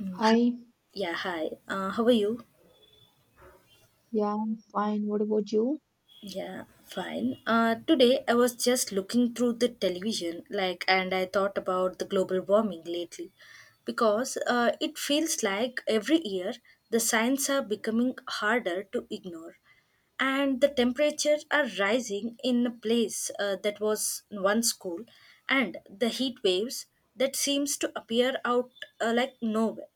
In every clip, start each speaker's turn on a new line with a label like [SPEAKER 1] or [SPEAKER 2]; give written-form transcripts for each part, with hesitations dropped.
[SPEAKER 1] Mm,
[SPEAKER 2] Hi,
[SPEAKER 1] Yeah, hi. How are you?
[SPEAKER 2] yeah, I'm fine. What about you?
[SPEAKER 1] Yeah, fine. Today I was just looking through the television, like, and I thought about the global warming lately, because it feels like every year the signs are becoming harder to ignore, and the temperatures are rising in a place that was once cool, and the heat waves that seems to appear out like nowhere,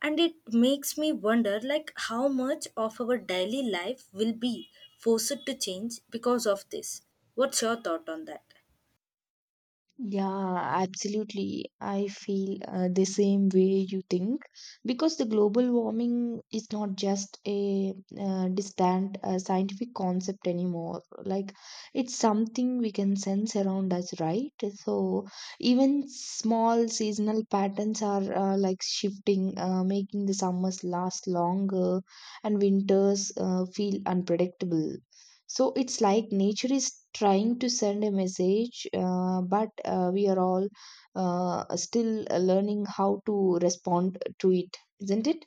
[SPEAKER 1] and it makes me wonder like how much of our daily life will be forced to change because of this. What's your thought on that?
[SPEAKER 2] Yeah, absolutely. I feel the same way you think because the global warming is not just a distant scientific concept anymore. Like, it's something we can sense around us, right? So, even small seasonal patterns are like shifting, making the summers last longer and winters feel unpredictable. So it's like nature is trying to send a message, but we are all still learning how to respond to it, isn't it?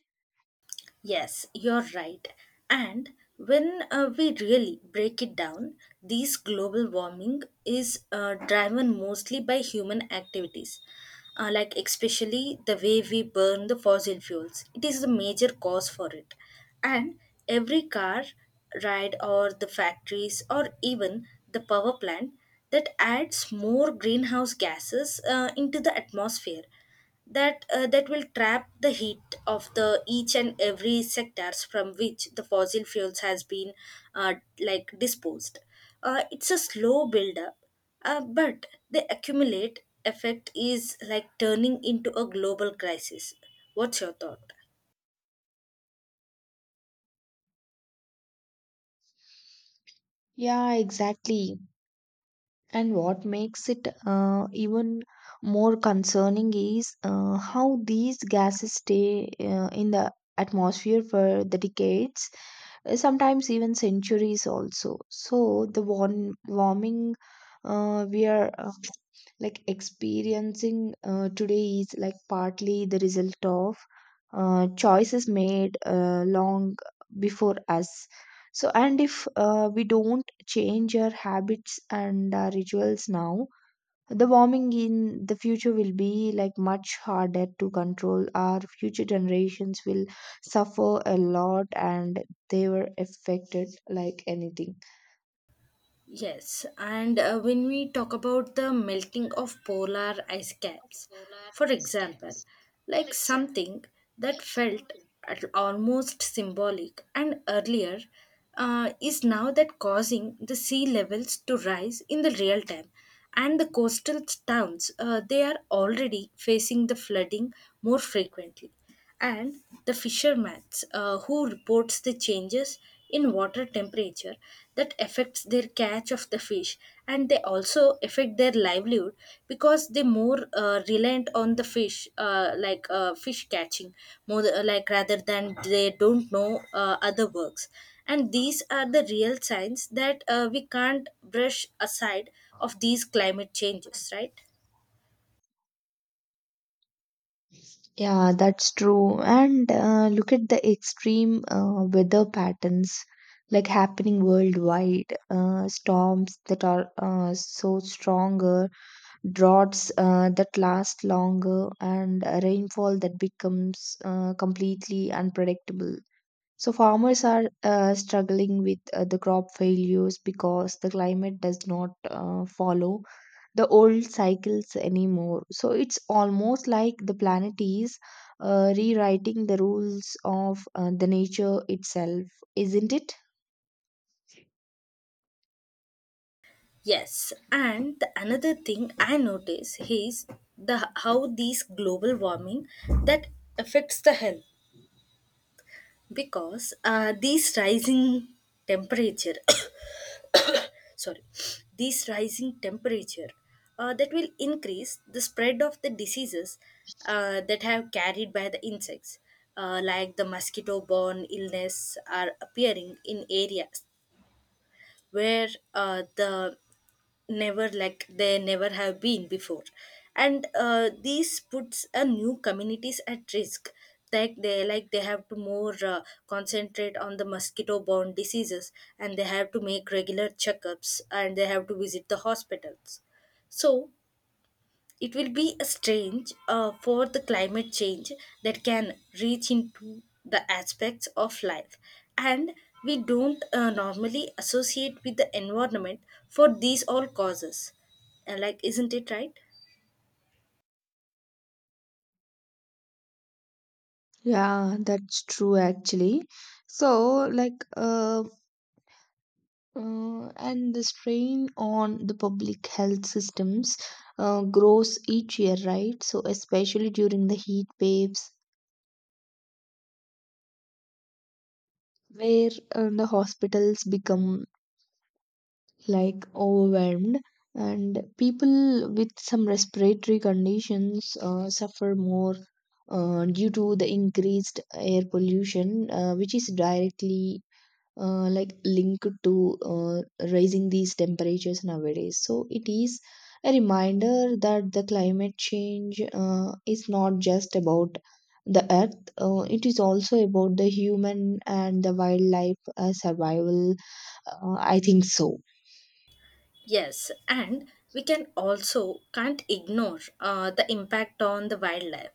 [SPEAKER 1] Yes, you're right. And when we really break it down, this global warming is driven mostly by human activities, like especially the way we burn the fossil fuels. It is the major cause for it. And every car ride, or the factories, or even the power plant that adds more greenhouse gases into the atmosphere, that will trap the heat of the each and every sectors from which the fossil fuels has been like disposed. It's a slow build up, but the accumulate effect is like turning into a global crisis. What's your thought?
[SPEAKER 2] Yeah, exactly. And what makes it even more concerning is how these gases stay in the atmosphere for the decades, sometimes even centuries also. So the warming we are like experiencing today is like partly the result of choices made long before us so, and if we don't change our habits and our rituals now, the warming in the future will be like much harder to control. Our future generations will suffer a lot and they were affected like anything.
[SPEAKER 1] Yes, and when we talk about the melting of polar ice caps, for example, like something that felt almost symbolic and earlier is now that causing the sea levels to rise in the real time, and the coastal towns they are already facing the flooding more frequently, and the fishermen who reports the changes in water temperature that affects their catch of the fish, and they also affect their livelihood, because they more reliant on the fish fish catching more like rather than they don't know other works. And these are the real signs that we can't brush aside of these climate changes, right?
[SPEAKER 2] Yeah, that's true. And look at the extreme weather patterns like happening worldwide. Storms that are so stronger, droughts that last longer, and rainfall that becomes completely unpredictable. So, farmers are struggling with the crop failures because the climate does not follow the old cycles anymore. So it's almost like the planet is rewriting the rules of the nature itself, isn't it?
[SPEAKER 1] Yes, and the another thing I notice is the how these global warming that affects the health, because these rising temperature, sorry, these rising temperature that will increase the spread of the diseases that have carried by the insects, like the mosquito-borne illness, are appearing in areas where the never like they never have been before. And this puts a new communities at risk, like they have to more concentrate on the mosquito borne diseases, and they have to make regular checkups and they have to visit the hospitals. So it will be a strange for the climate change that can reach into the aspects of life, and we don't normally associate with the environment for these all causes. Isn't it right?
[SPEAKER 2] Yeah, that's true actually. So, like, and the strain on the public health systems grows each year, right? So, especially during the heat waves, where the hospitals become like overwhelmed and people with some respiratory conditions suffer more due to the increased air pollution which is directly like linked to raising these temperatures nowadays. So it is a reminder that the climate change is not just about the earth. Uh, it is also about the human and the wildlife survival, I think so.
[SPEAKER 1] Yes, and we can also can't ignore the impact on the wildlife,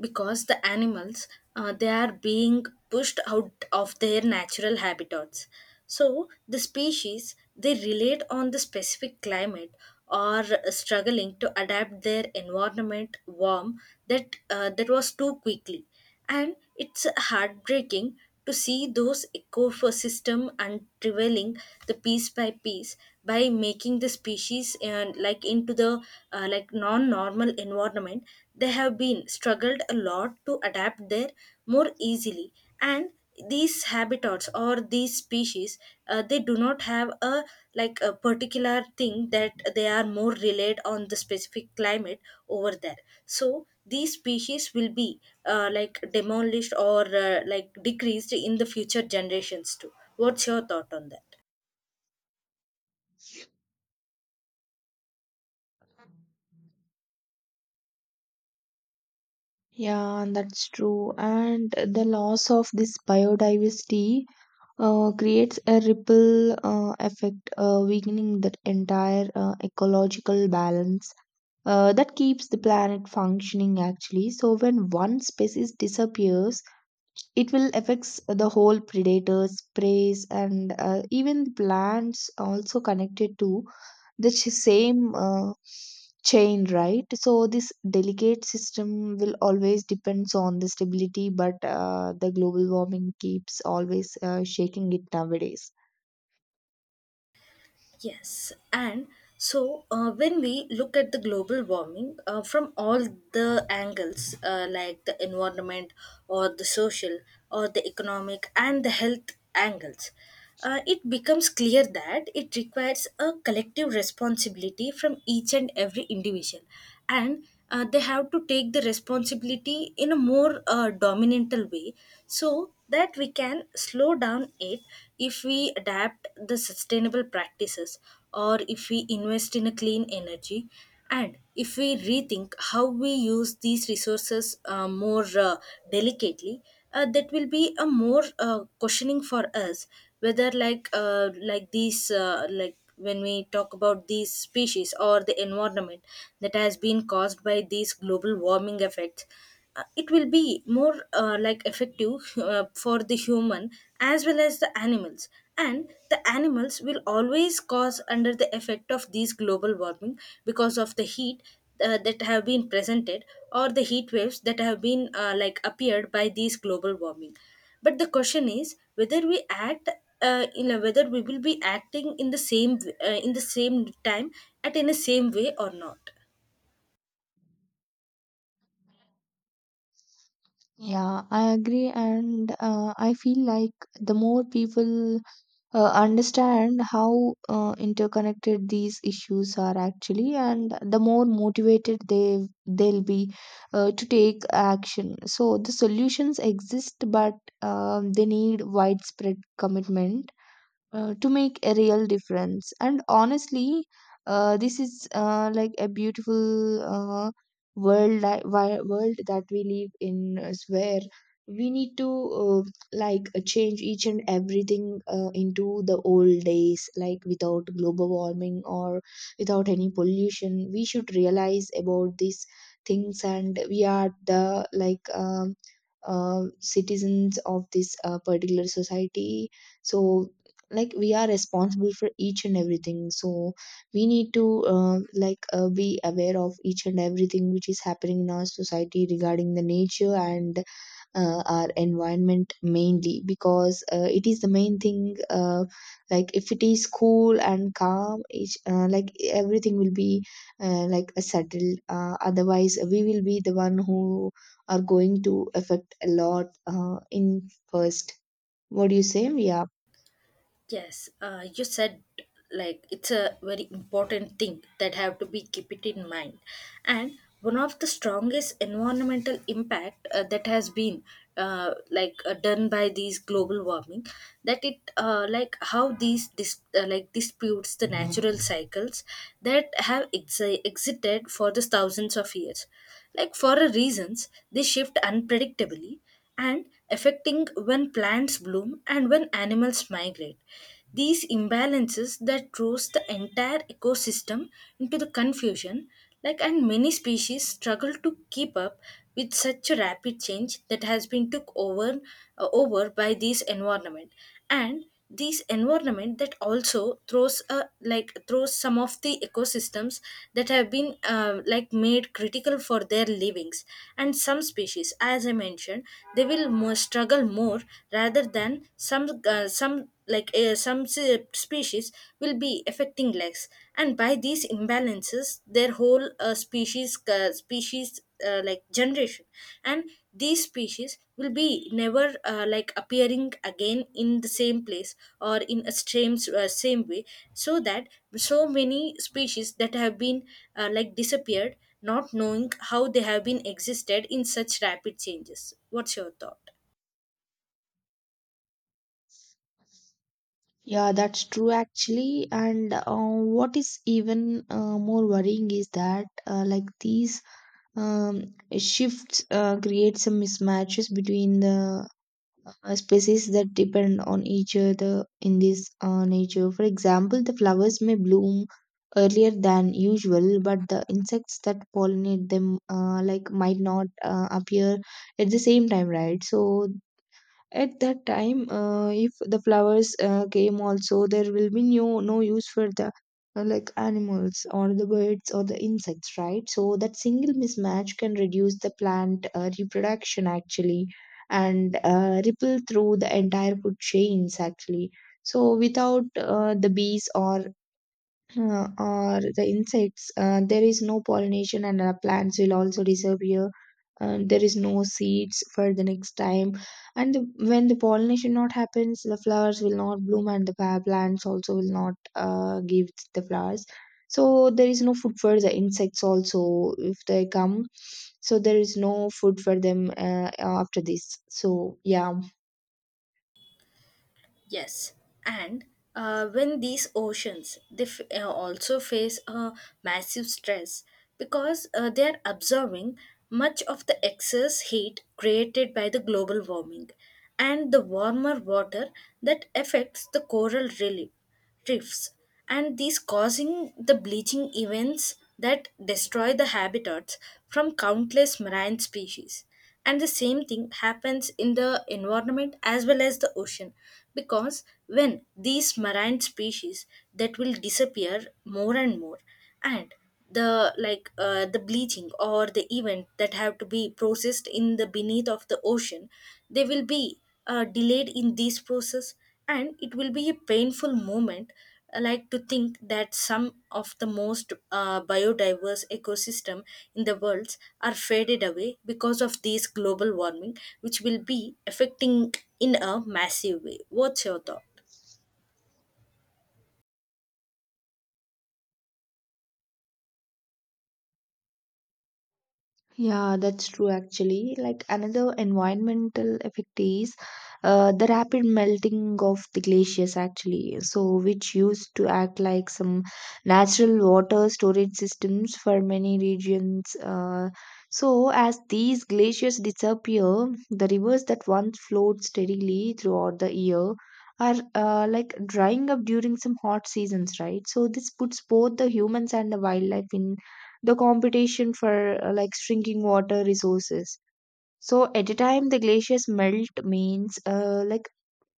[SPEAKER 1] because the animals they are being pushed out of their natural habitats. So the species they relate on the specific climate or struggling to adapt their environment warm that was too quickly. And it's heartbreaking to see those ecosystem unraveling the piece by piece, by making the species and like into the like non-normal environment, they have been struggled a lot to adapt there more easily. And these habitats or these species they do not have a like a particular thing that they are more relied on the specific climate over there. So these species will be like demolished or like decreased in the future generations too. What's your thought on that?
[SPEAKER 2] Yeah, that's true. And the loss of this biodiversity creates a ripple effect, weakening that entire ecological balance that keeps the planet functioning actually. So, when one species disappears, it will affects the whole predators preys and even plants also connected to the same chain, right? So this delicate system will always depends on the stability, but the global warming keeps always shaking it nowadays.
[SPEAKER 1] Yes, and so when we look at the global warming from all the angles, like the environment or the social or the economic and the health angles, it becomes clear that it requires a collective responsibility from each and every individual. And they have to take the responsibility in a more dominantal way, so that we can slow down it if we adapt the sustainable practices, or if we invest in a clean energy, and if we rethink how we use these resources more delicately. That will be a more questioning for us, whether like these like when we talk about these species or the environment that has been caused by these global warming effects, it will be more like effective for the human as well as the animals. And the animals will always cause under the effect of these global warming because of the heat that have been presented, or the heat waves that have been like appeared by these global warming. But the question is whether we act whether we will be acting in the same time at in the same way or not.
[SPEAKER 2] Yeah, I agree, and I feel like the more people understand how interconnected these issues are actually, and the more motivated they'll be to take action. So the solutions exist, but they need widespread commitment to make a real difference. And honestly, this is like a beautiful world world that we live in is where we need to uh, like change each and everything into the old days, like without global warming or without any pollution. We should realize about these things, and we are the like citizens of this particular society. So like we are responsible for each and everything. So we need to like be aware of each and everything which is happening in our society regarding the nature and our environment, mainly because it is the main thing. Like if it is cool and calm each, like everything will be like settled. Otherwise we will be the one who are going to affect a lot in first. What do you say? Yeah.
[SPEAKER 1] Yes, you said like it's a very important thing that have to be keep it in mind, and one of the strongest environmental impact that has been done by these global warming, that it like how these like disputes the natural cycles that have ex existed for the thousands of years, like for a reasons they shift unpredictably, and affecting when plants bloom and when animals migrate. These imbalances that throws the entire ecosystem into the confusion, like and many species struggle to keep up with such a rapid change that has been took over over by this environment. And this environment that also throws a like throws some of the ecosystems that have been like made critical for their livings, and some species as I mentioned, they will more struggle more rather than some species will be affecting less. And by these imbalances their whole species like generation, and these species will be never like appearing again in the same place or in a same same way. So that so many species that have been like disappeared, not knowing how they have been existed in such rapid changes. What's your thought?
[SPEAKER 2] Yeah, that's true actually. And what is even more worrying is that like these um, shifts create some mismatches between the species that depend on each other in this nature. For example, the flowers may bloom earlier than usual, but the insects that pollinate them like might not appear at the same time, right? So at that time, if the flowers came also, there will be no, no use for the like animals or the birds or the insects, right? So that single mismatch can reduce the plant reproduction actually and ripple through the entire food chains actually. So without the bees or or the insects, there is no pollination, and plants will also disappear. There is no seeds for the next time, and the, when the pollination not happens, the flowers will not bloom, and the plants also will not give the flowers. So there is no food for the insects also if they come. So there is no food for them after this. So yeah.
[SPEAKER 1] Yes, and when these oceans they also face a massive stress, because they are absorbing much of the excess heat created by the global warming, and the warmer water that affects the coral relief reefs, and these causing the bleaching events that destroy the habitats from countless marine species. And the same thing happens in the environment as well as the ocean, because when these marine species that will disappear more and more, and the like the bleaching or the event that have to be processed in the beneath of the ocean, they will be delayed in this process, and it will be a painful moment. I like to think that some of the most biodiverse ecosystem in the world are faded away because of these global warming, which will be affecting in a massive way. What's your thought?
[SPEAKER 2] Yeah, that's true actually. Like another environmental effect is the rapid melting of the glaciers actually. So which used to act like some natural water storage systems for many regions. So as these glaciers disappear, the rivers that once flowed steadily throughout the year are like drying up during some hot seasons, right? So this puts both the humans and the wildlife in the competition for like shrinking water resources. So at a time the glaciers melt means like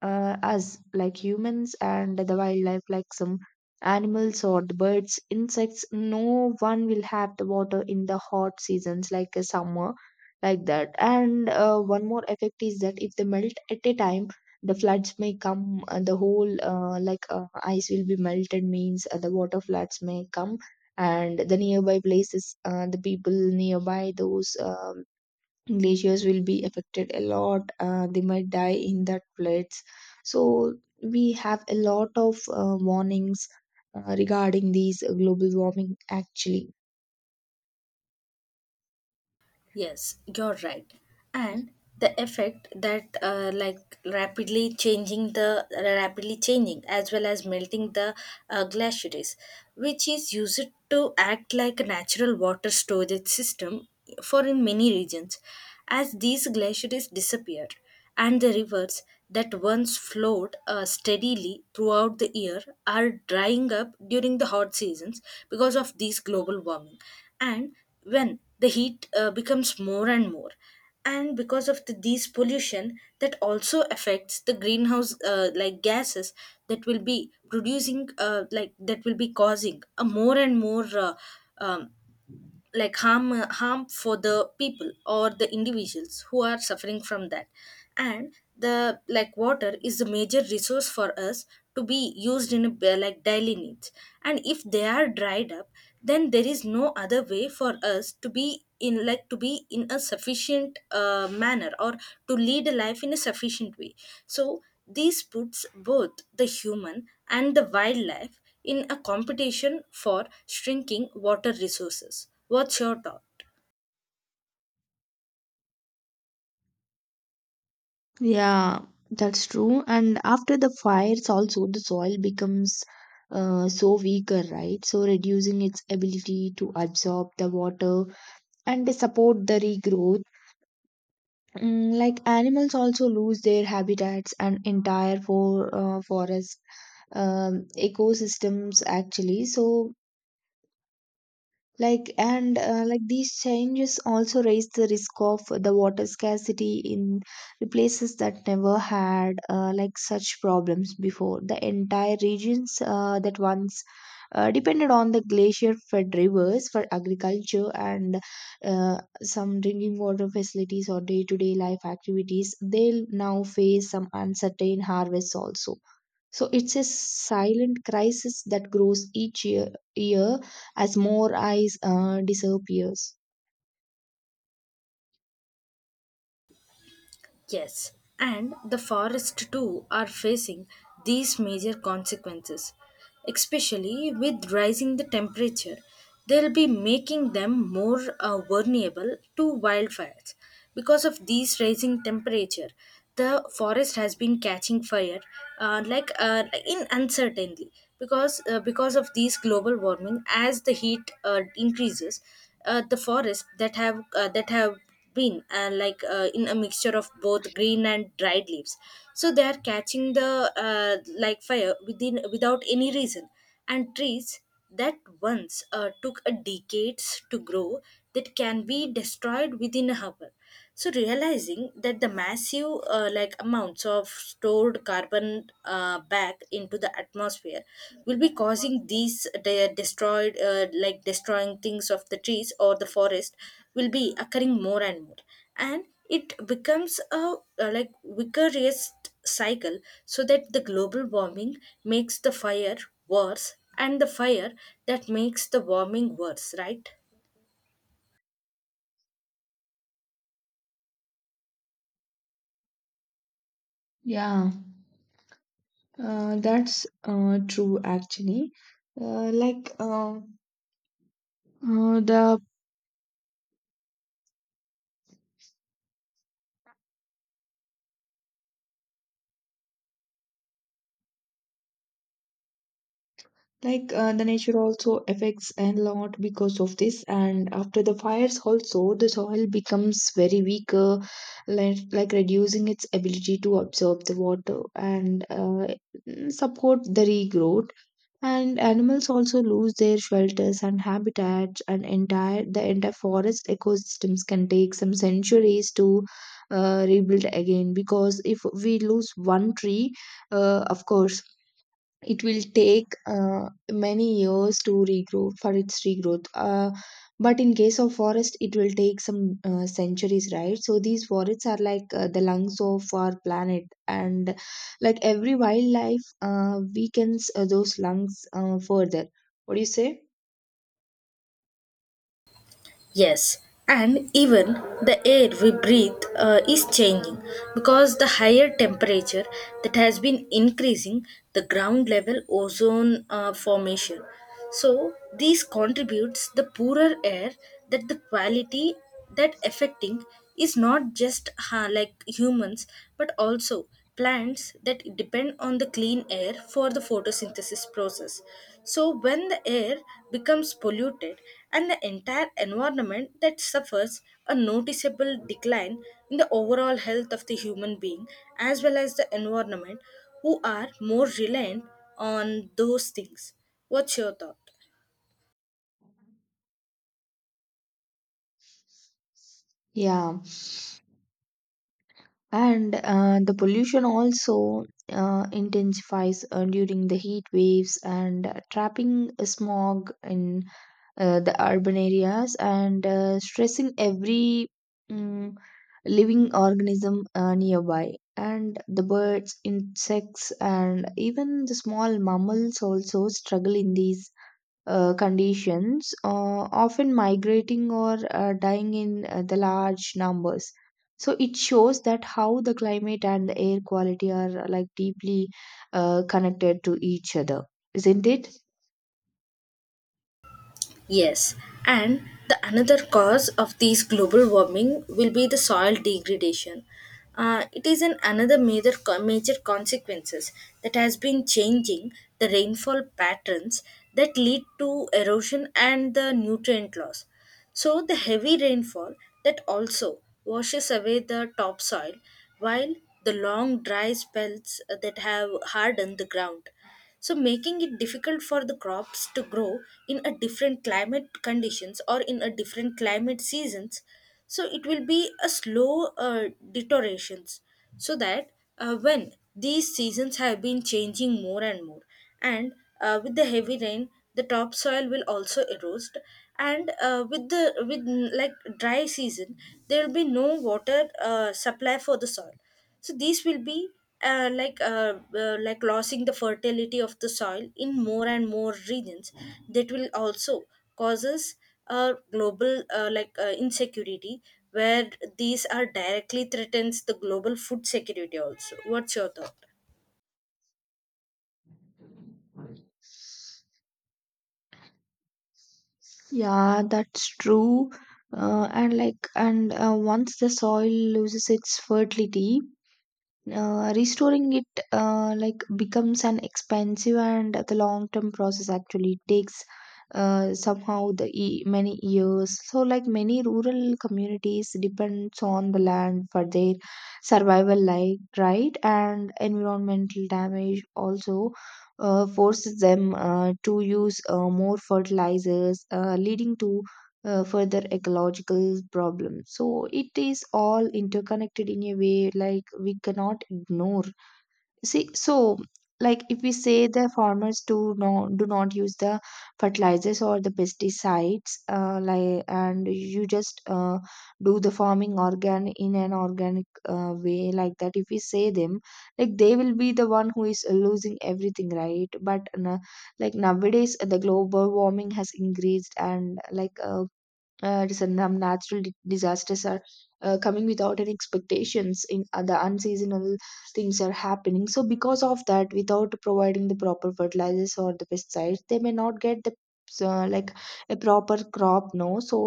[SPEAKER 2] us like humans and the wildlife like some animals or the birds insects, no one will have the water in the hot seasons like a summer like that. And one more effect is that if they melt at a time, the floods may come and the whole like ice will be melted means the water floods may come, and the nearby places, the people nearby those glaciers will be affected a lot. They might die in that floods. So we have a lot of warnings regarding these global warming actually.
[SPEAKER 1] Yes, you're right. And the effect that like rapidly changing as well as melting the glaciers, which is used to act like a natural water storage system for in many regions. As these glaciers disappear, and the rivers that once flowed steadily throughout the year are drying up during the hot seasons because of these global warming. And when the heat becomes more and more, and because of these pollution that also affects the greenhouse like gases that will be producing like that will be causing a more and more um, like harm for the people or the individuals who are suffering from that. And the like water is a major resource for us to be used in like daily needs. And if they are dried up, then there is no other way for us to be in like to be in a sufficient manner or to lead a life in a sufficient way. So this puts both the human and the wildlife in a competition for shrinking water resources. What's your thought?
[SPEAKER 2] Yeah, that's true. And after the fires also the soil becomes so weaker, right? So reducing its ability to absorb the water and support the regrowth. Mm, like animals also lose their habitats and entire forest ecosystems actually. So like and like these changes also raise the risk of the water scarcity in the places that never had like such problems before. The entire regions that once depended on the glacier-fed rivers for agriculture and some drinking water facilities or day-to-day life activities, they'll now face some uncertain harvests also. So it's a silent crisis that grows each year as more eyes disappears.
[SPEAKER 1] Yes, and the forest too are facing these major consequences, especially with rising the temperature. They'll be making them more vulnerable to wildfires. Because of these rising temperature, the forest has been catching fire in uncertainly because of these global warming as the heat increases the forests that have been and in a mixture of both green and dried leaves, so they are catching the like fire within without any reason, and trees that once took a decades to grow that can be destroyed within a hour. So realizing that the massive amounts of stored carbon back into the atmosphere will be causing these de- destroyed like destroying things of the trees or the forest will be occurring more and more, and it becomes a vicarious cycle, so that the global warming makes the fire worse and the fire that makes the warming worse, right?
[SPEAKER 2] Yeah, that's true actually. Uh, like uh, uh, the the nature also affects a lot because of this, and after the fires also the soil becomes very weaker, like reducing its ability to absorb the water and support the regrowth. And animals also lose their shelters and habitats and entire the entire forest ecosystems can take some centuries to rebuild again. Because if we lose one tree, of course it will take many years to regrow for its regrowth. But in case of forest it will take some centuries, right? So these forests are like the lungs of our planet, and like every wildlife weakens those lungs further. What do you say?
[SPEAKER 1] Yes, and even the air we breathe is changing because the higher temperature that has been increasing the ground level ozone formation. So these contributes the poorer air that the quality that affecting is not just ha like humans but also plants that depend on the clean air for the photosynthesis process. So when the air becomes polluted, and the entire environment that suffers a noticeable decline in the overall health of the human being as well as the environment who are more reliant on those things. What's your thought?
[SPEAKER 2] Yeah, and the pollution also intensifies during the heat waves and trapping smog in the urban areas and stressing every mm living organism nearby. And the birds, insects, and even the small mammals also struggle in these conditions, often migrating or dying in the large numbers. So it shows that how the climate and the air quality are like deeply connected to each other, isn't it?
[SPEAKER 1] Yes, and the another cause of these global warming will be the soil degradation. It is an another major consequences that has been changing the rainfall patterns that lead to erosion and the nutrient loss. So the heavy rainfall that also washes away the topsoil, while the long dry spells that have hardened the ground, so making it difficult for the crops to grow in a different climate conditions or in a different climate seasons. So it will be a slow deteriorations, so that when these seasons have been changing more and more, and with the heavy rain the topsoil will also erode, and with dry season there will be no water supply for the soil. So these will be losing the fertility of the soil in more and more regions, that will also causes a global insecurity, where these are directly threatens the global food security also. What's your thought?
[SPEAKER 2] Yeah, that's true. And like, and once the soil loses its fertility, restoring it like becomes an expensive and the long term process. Actually it takes somehow the many years. So like many rural communities depends on the land for their survival, like right? And environmental damage also forces them to use more fertilizers leading to further ecological problems. So it is all interconnected in a way like we cannot ignore. See, so like if we say the farmers do not use the fertilizers or the pesticides, like and you just do the farming organ in an organic way like that. If we say them, like they will be the one who is losing everything, right? But like nowadays the global warming has increased and like natural disasters are coming without any expectations in the unseasonal things are happening, so because of that, without providing the proper fertilizers or the pesticides, they may not get the uh, like a proper crop, no, so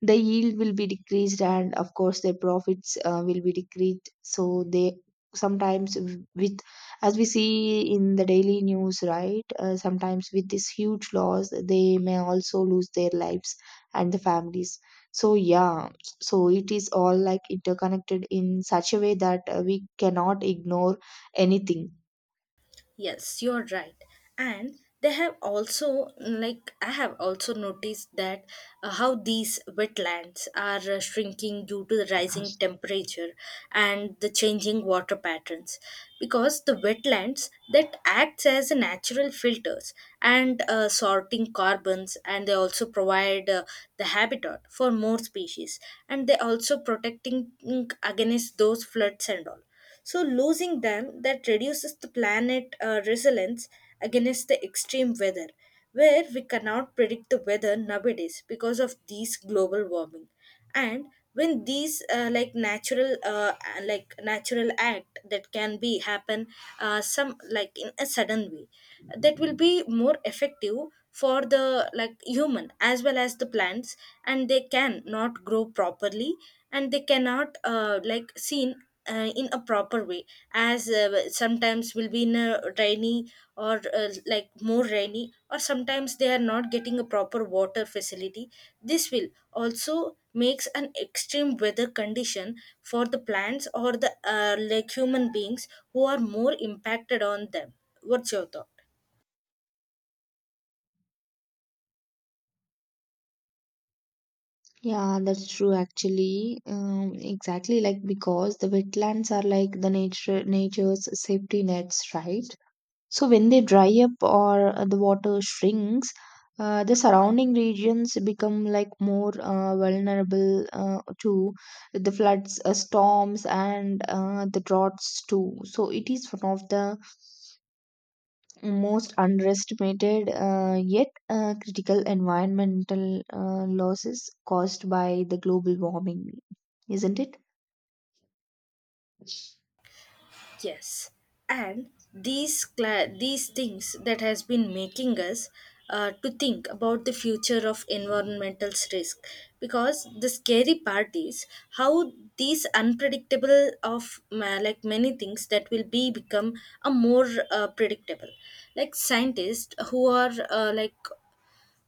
[SPEAKER 2] the yield will be decreased and of course their profits will be decreased, so they sometimes with, as we see in the daily news, right, sometimes with this huge loss they may also lose their lives and the families, so yeah, so it is all like interconnected in such a way that we cannot ignore anything.
[SPEAKER 1] Yes, you're right. And they have also, like, I have also noticed that how these wetlands are shrinking due to the rising temperature and the changing water patterns. Because the wetlands that acts as a natural filters and sorting carbons, and they also provide the habitat for more species, and they also protecting against those floods and all. So losing them that reduces the planet resilience against the extreme weather, where we cannot predict the weather nowadays because of these global warming. And when these natural act that can be happen some like in a sudden way, that will be more effective for the like human as well as the plants, and they can not grow properly, and they cannot seen in a proper way, as sometimes will be in a rainy or more rainy, or sometimes they are not getting a proper water facility. This will also makes an extreme weather condition for the plants or the human beings who are more impacted on them. What's your thought?
[SPEAKER 2] Yeah, that's true actually. Exactly, like because the wetlands are like the nature's safety nets, right? So when they dry up or the water shrinks, the surrounding regions become like more vulnerable to the floods, storms, and the droughts too. So it is one of the most underestimated yet critical environmental losses caused by the global warming, isn't it?
[SPEAKER 1] Yes, and these these things that has been making us to think about the future of environmental risk, because the scary part is how these unpredictable of ma- like many things that will be become a more predictable. Like scientists who are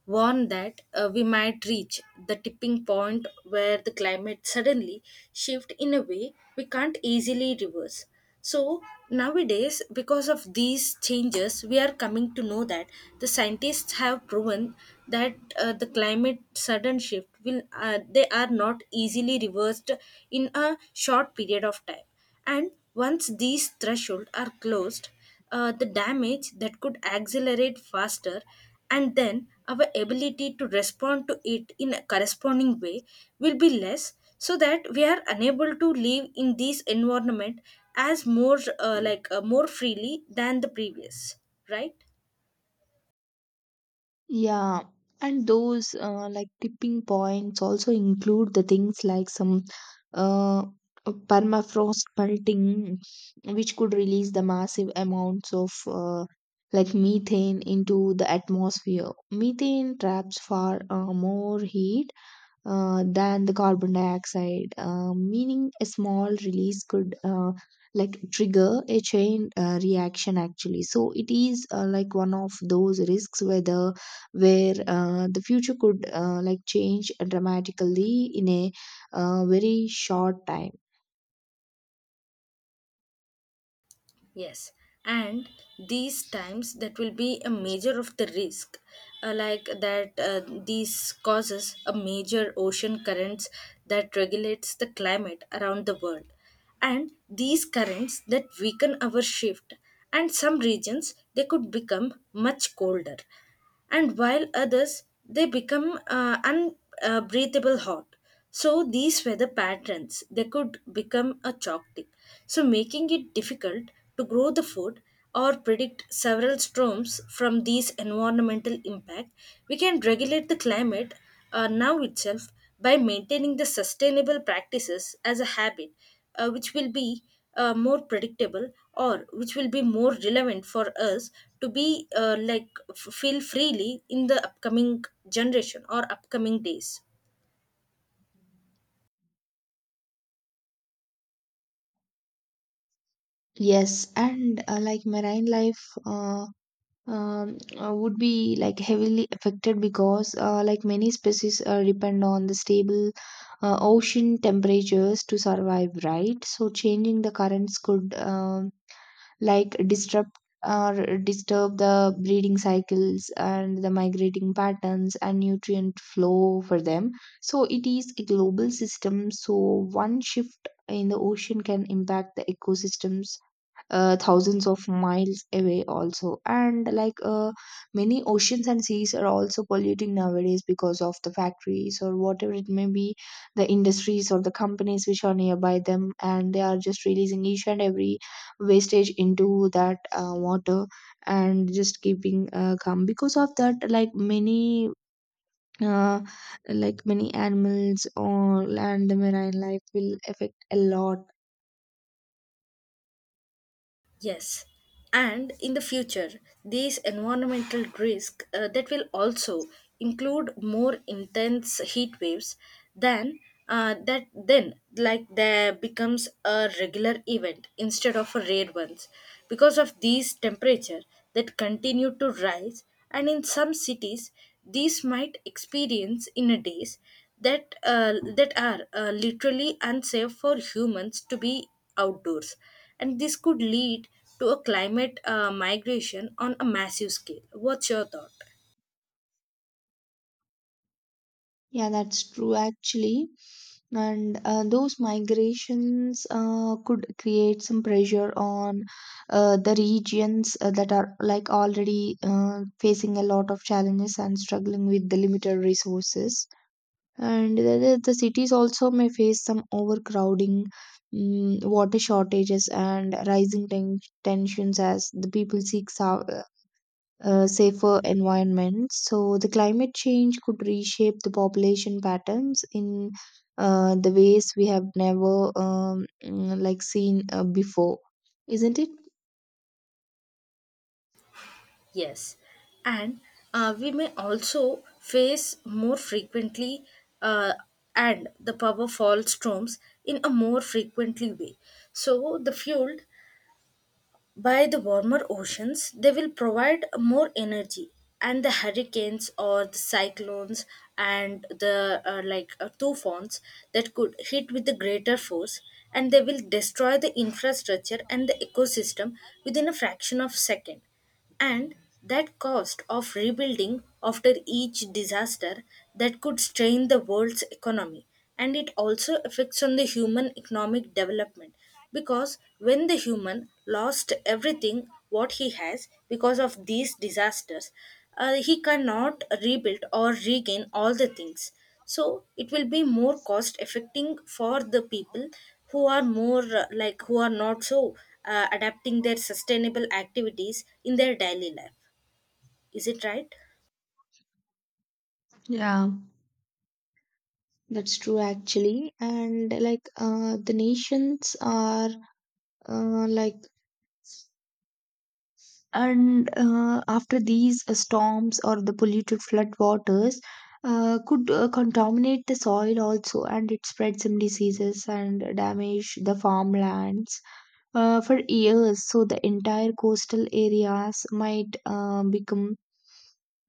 [SPEAKER 1] warned that we might reach the tipping point where the climate suddenly shift in a way we can't easily reverse. So nowadays, because of these changes, we are coming to know that the scientists have proven that the climate sudden shift will they are not easily reversed in a short period of time, and once these thresholds are closed, the damage that could accelerate faster, and then our ability to respond to it in a corresponding way will be less, so that we are unable to live in this environment as more freely than the previous, right?
[SPEAKER 2] Yeah, and those like tipping points also include the things like some uh, permafrost melting, which could release the massive amounts of like methane into the atmosphere. Methane traps far more heat than the carbon dioxide, meaning a small release could like trigger a chain reaction actually. So it is like one of those risks whether where the future could like change dramatically in a very short time.
[SPEAKER 1] Yes, and these times that will be a major of the risk, like that these causes a major ocean currents that regulates the climate around the world, and these currents that weaken our shift, and some regions they could become much colder, and while others they become unbreathable hot. So these were the patterns. They could become a chalk tip. So making it difficult to grow the food or predict several storms from these environmental impact, we can regulate the climate now itself by maintaining the sustainable practices as a habit, which will be more predictable, or which will be more relevant for us to be feel freely in the upcoming generation or upcoming days.
[SPEAKER 2] Yes, and like marine life. Would be like heavily affected because like many species depend on the stable ocean temperatures to survive, right? So changing the currents could like disrupt or disturb the breeding cycles and the migrating patterns and nutrient flow for them. So it is a global system, so one shift in the ocean can impact the ecosystems thousands of miles away also. And many oceans and seas are also polluting nowadays because of the factories or whatever it may be, the industries or the companies which are nearby them, and they are just releasing each and every wastage into that water and just keeping calm. Because of that, like many uh, many animals or land marine life will affect a lot.
[SPEAKER 1] Yes, and in the future, these environmental risks that will also include more intense heat waves than that then like there becomes a regular event instead of a rare ones, because of these temperature that continue to rise, and in some cities these might experience in days that that are literally unsafe for humans to be outdoors, and this could lead to a climate migration on a massive scale. What's your thought?
[SPEAKER 2] Yeah, that's true actually. And those migrations could create some pressure on the regions that are like already facing a lot of challenges and struggling with the limited resources. And the cities also may face some overcrowding, mm, water shortages, and rising tensions as the people seek safer environment. So the climate change could reshape the population patterns in the ways we have never like seen before, isn't it?
[SPEAKER 1] Yes, and we may also face more frequently uh, and the powerful storms in a more frequently way. So the fuel by the warmer oceans, they will provide more energy, and the hurricanes or the cyclones and the tufans that could hit with the greater force, and they will destroy the infrastructure and the ecosystem within a fraction of second, and that cost of rebuilding after each disaster that could strain the world's economy, and it also affects on the human economic development, because when the human lost everything what he has because of these disasters, he cannot rebuild or regain all the things. So it will be more cost affecting for the people who are more who are not so adapting their sustainable activities in their daily life. Is it right?
[SPEAKER 2] Yeah. That's true actually, and like the nations are like and after these storms or the polluted flood waters could contaminate the soil also, and it spread some diseases and damage the farmlands for years. So the entire coastal areas might become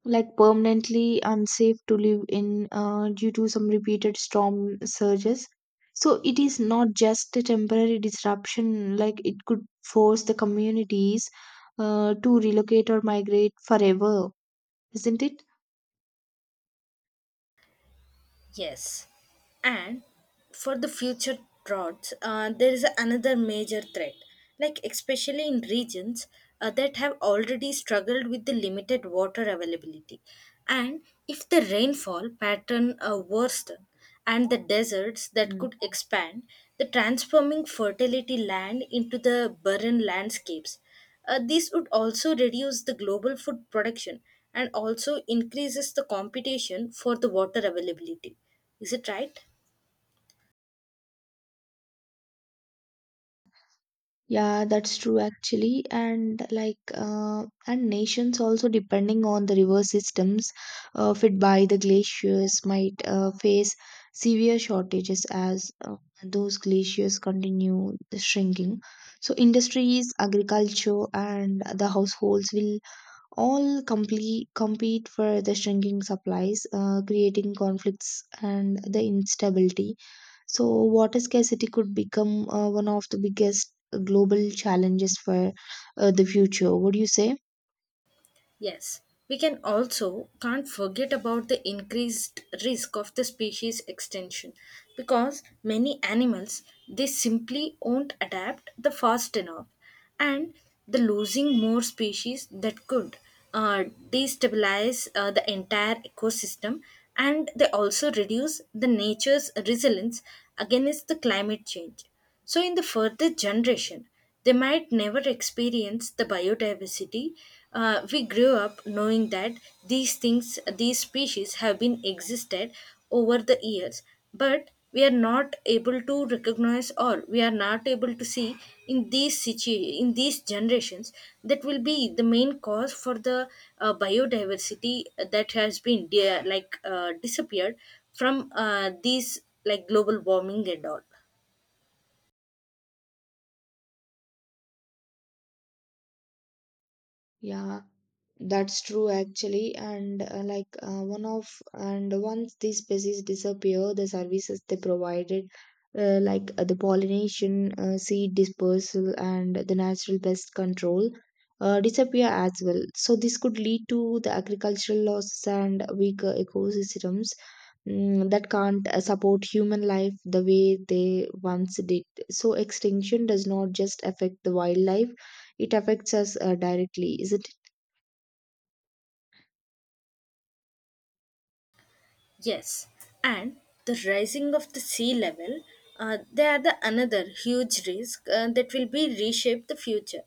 [SPEAKER 2] like permanently unsafe to live in due to some repeated storm surges. So it is not just a temporary disruption, like it could force the communities to relocate or migrate forever, isn't it?
[SPEAKER 1] Yes. And for the future droughts, there is another major threat, like especially in regions that have already struggled with the limited water availability. And if the rainfall pattern worsen and the deserts that could expand, the transforming fertility land into the barren landscapes. This would also reduce the global food production and also increases the competition for the water availability. Is it right?
[SPEAKER 2] Yeah, that's true actually. And like, and nations also depending on the river systems fed by the glaciers might face severe shortages as those glaciers continue shrinking. So, industries, agriculture, and the households will all compete for the shrinking supplies, creating conflicts and the instability. So, water scarcity could become one of the biggest global challenges for the future. Would you say?
[SPEAKER 1] Yes, we can also can't forget about the increased risk of the species extinction, because many animals they simply won't adapt the fast enough, and the losing more species that could uh, destabilize the entire ecosystem, and they also reduce the nature's resilience against the climate change. So in the further generation they might never experience the biodiversity. We grew up knowing that these things, these species have been existed over the years, but we are not able to recognize, or we are not able to see in these in these generations. That will be the main cause for the biodiversity that has been disappeared from these like global warming and all.
[SPEAKER 2] Yeah, that's true actually. And and once these species disappear, the services they provided, the pollination, seed dispersal, and the natural pest control, disappear as well. So this could lead to the agricultural losses and weaker ecosystems mm, that can't support human life the way they once did. So extinction does not just affect the wildlife, it affects us directly, isn't it?
[SPEAKER 1] Yes, and the rising of the sea level, they are the another huge risk that will be reshape the future.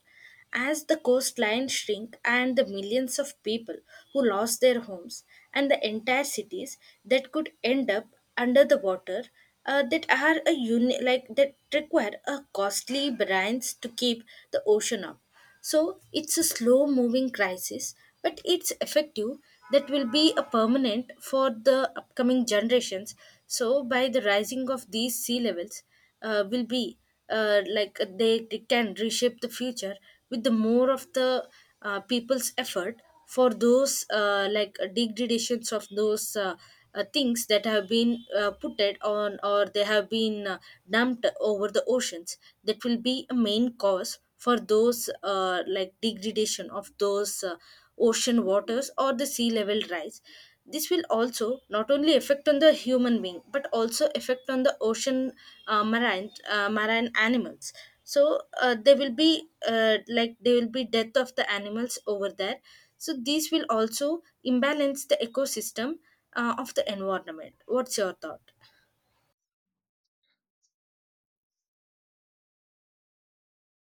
[SPEAKER 1] As the coastlines shrink, and the millions of people who lost their homes and the entire cities that could end up under the water that are a uni- like that require a costly brines to keep the ocean up. So it's a slow moving crisis, but it's effective, that will be a permanent for the upcoming generations. So by the rising of these sea levels, will be they can reshape the future with the more of the people's effort for those degradations of those things that have been put it on, or they have been dumped over the oceans, that will be a main cause for those degradation of those ocean waters or the sea level rise. This will also not only affect on the human being, but also affect on the ocean marine animals. So there will be there will be death of the animals over there, so these will also imbalance the ecosystem of the environment. What's your thought?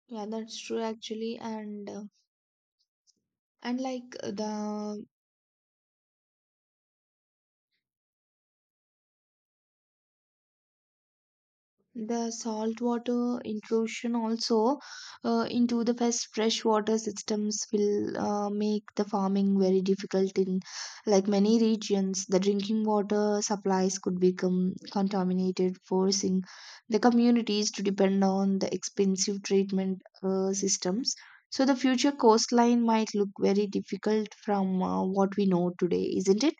[SPEAKER 2] Yeah, that's true actually, and and like the the saltwater intrusion also into the freshwater systems will make the farming very difficult in like many regions. The drinking water supplies could become contaminated, forcing the communities to depend on the expensive treatment systems. So the future coastline might look very difficult from what we know today, isn't it?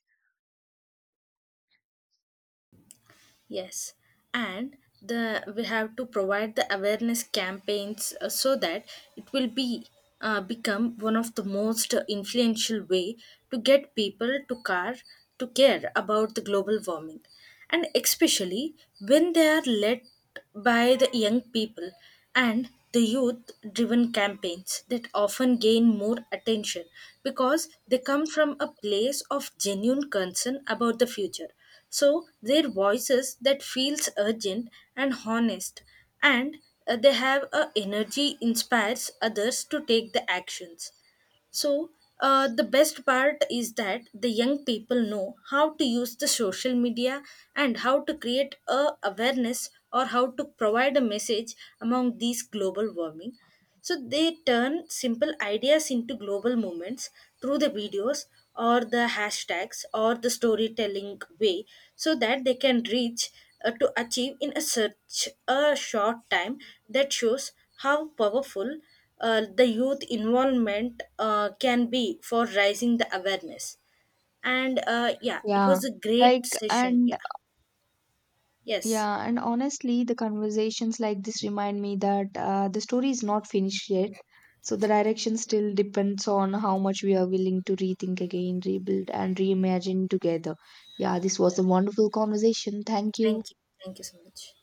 [SPEAKER 1] Yes, and the we have to provide the awareness campaigns so that it will be become one of the most influential way to get people to care about the global warming, and especially when they are led by the young people, and the youth driven campaigns that often gain more attention, because they come from a place of genuine concern about the future. So their voices that feels urgent and honest, and they have a energy inspires others to take the actions. So, the best part is that the young people know how to use the social media and how to create a awareness or how to provide a message among these global warming. So they turn simple ideas into global movements through the videos or the hashtags or the storytelling way, so that they can reach to achieve in a such a short time. That shows how powerful the youth involvement can be for raising the awareness. And yeah, it
[SPEAKER 2] Yeah,
[SPEAKER 1] was a great
[SPEAKER 2] like
[SPEAKER 1] session.
[SPEAKER 2] and
[SPEAKER 1] Yeah. Yes.
[SPEAKER 2] yeah, and honestly, the conversations like this remind me that the story is not finished yet. So the direction still depends on how much we are willing to rethink again, rebuild, and reimagine together. Yeah, this
[SPEAKER 1] Yeah.
[SPEAKER 2] was a wonderful conversation. Thank you.
[SPEAKER 1] Thank you. Thank you so much.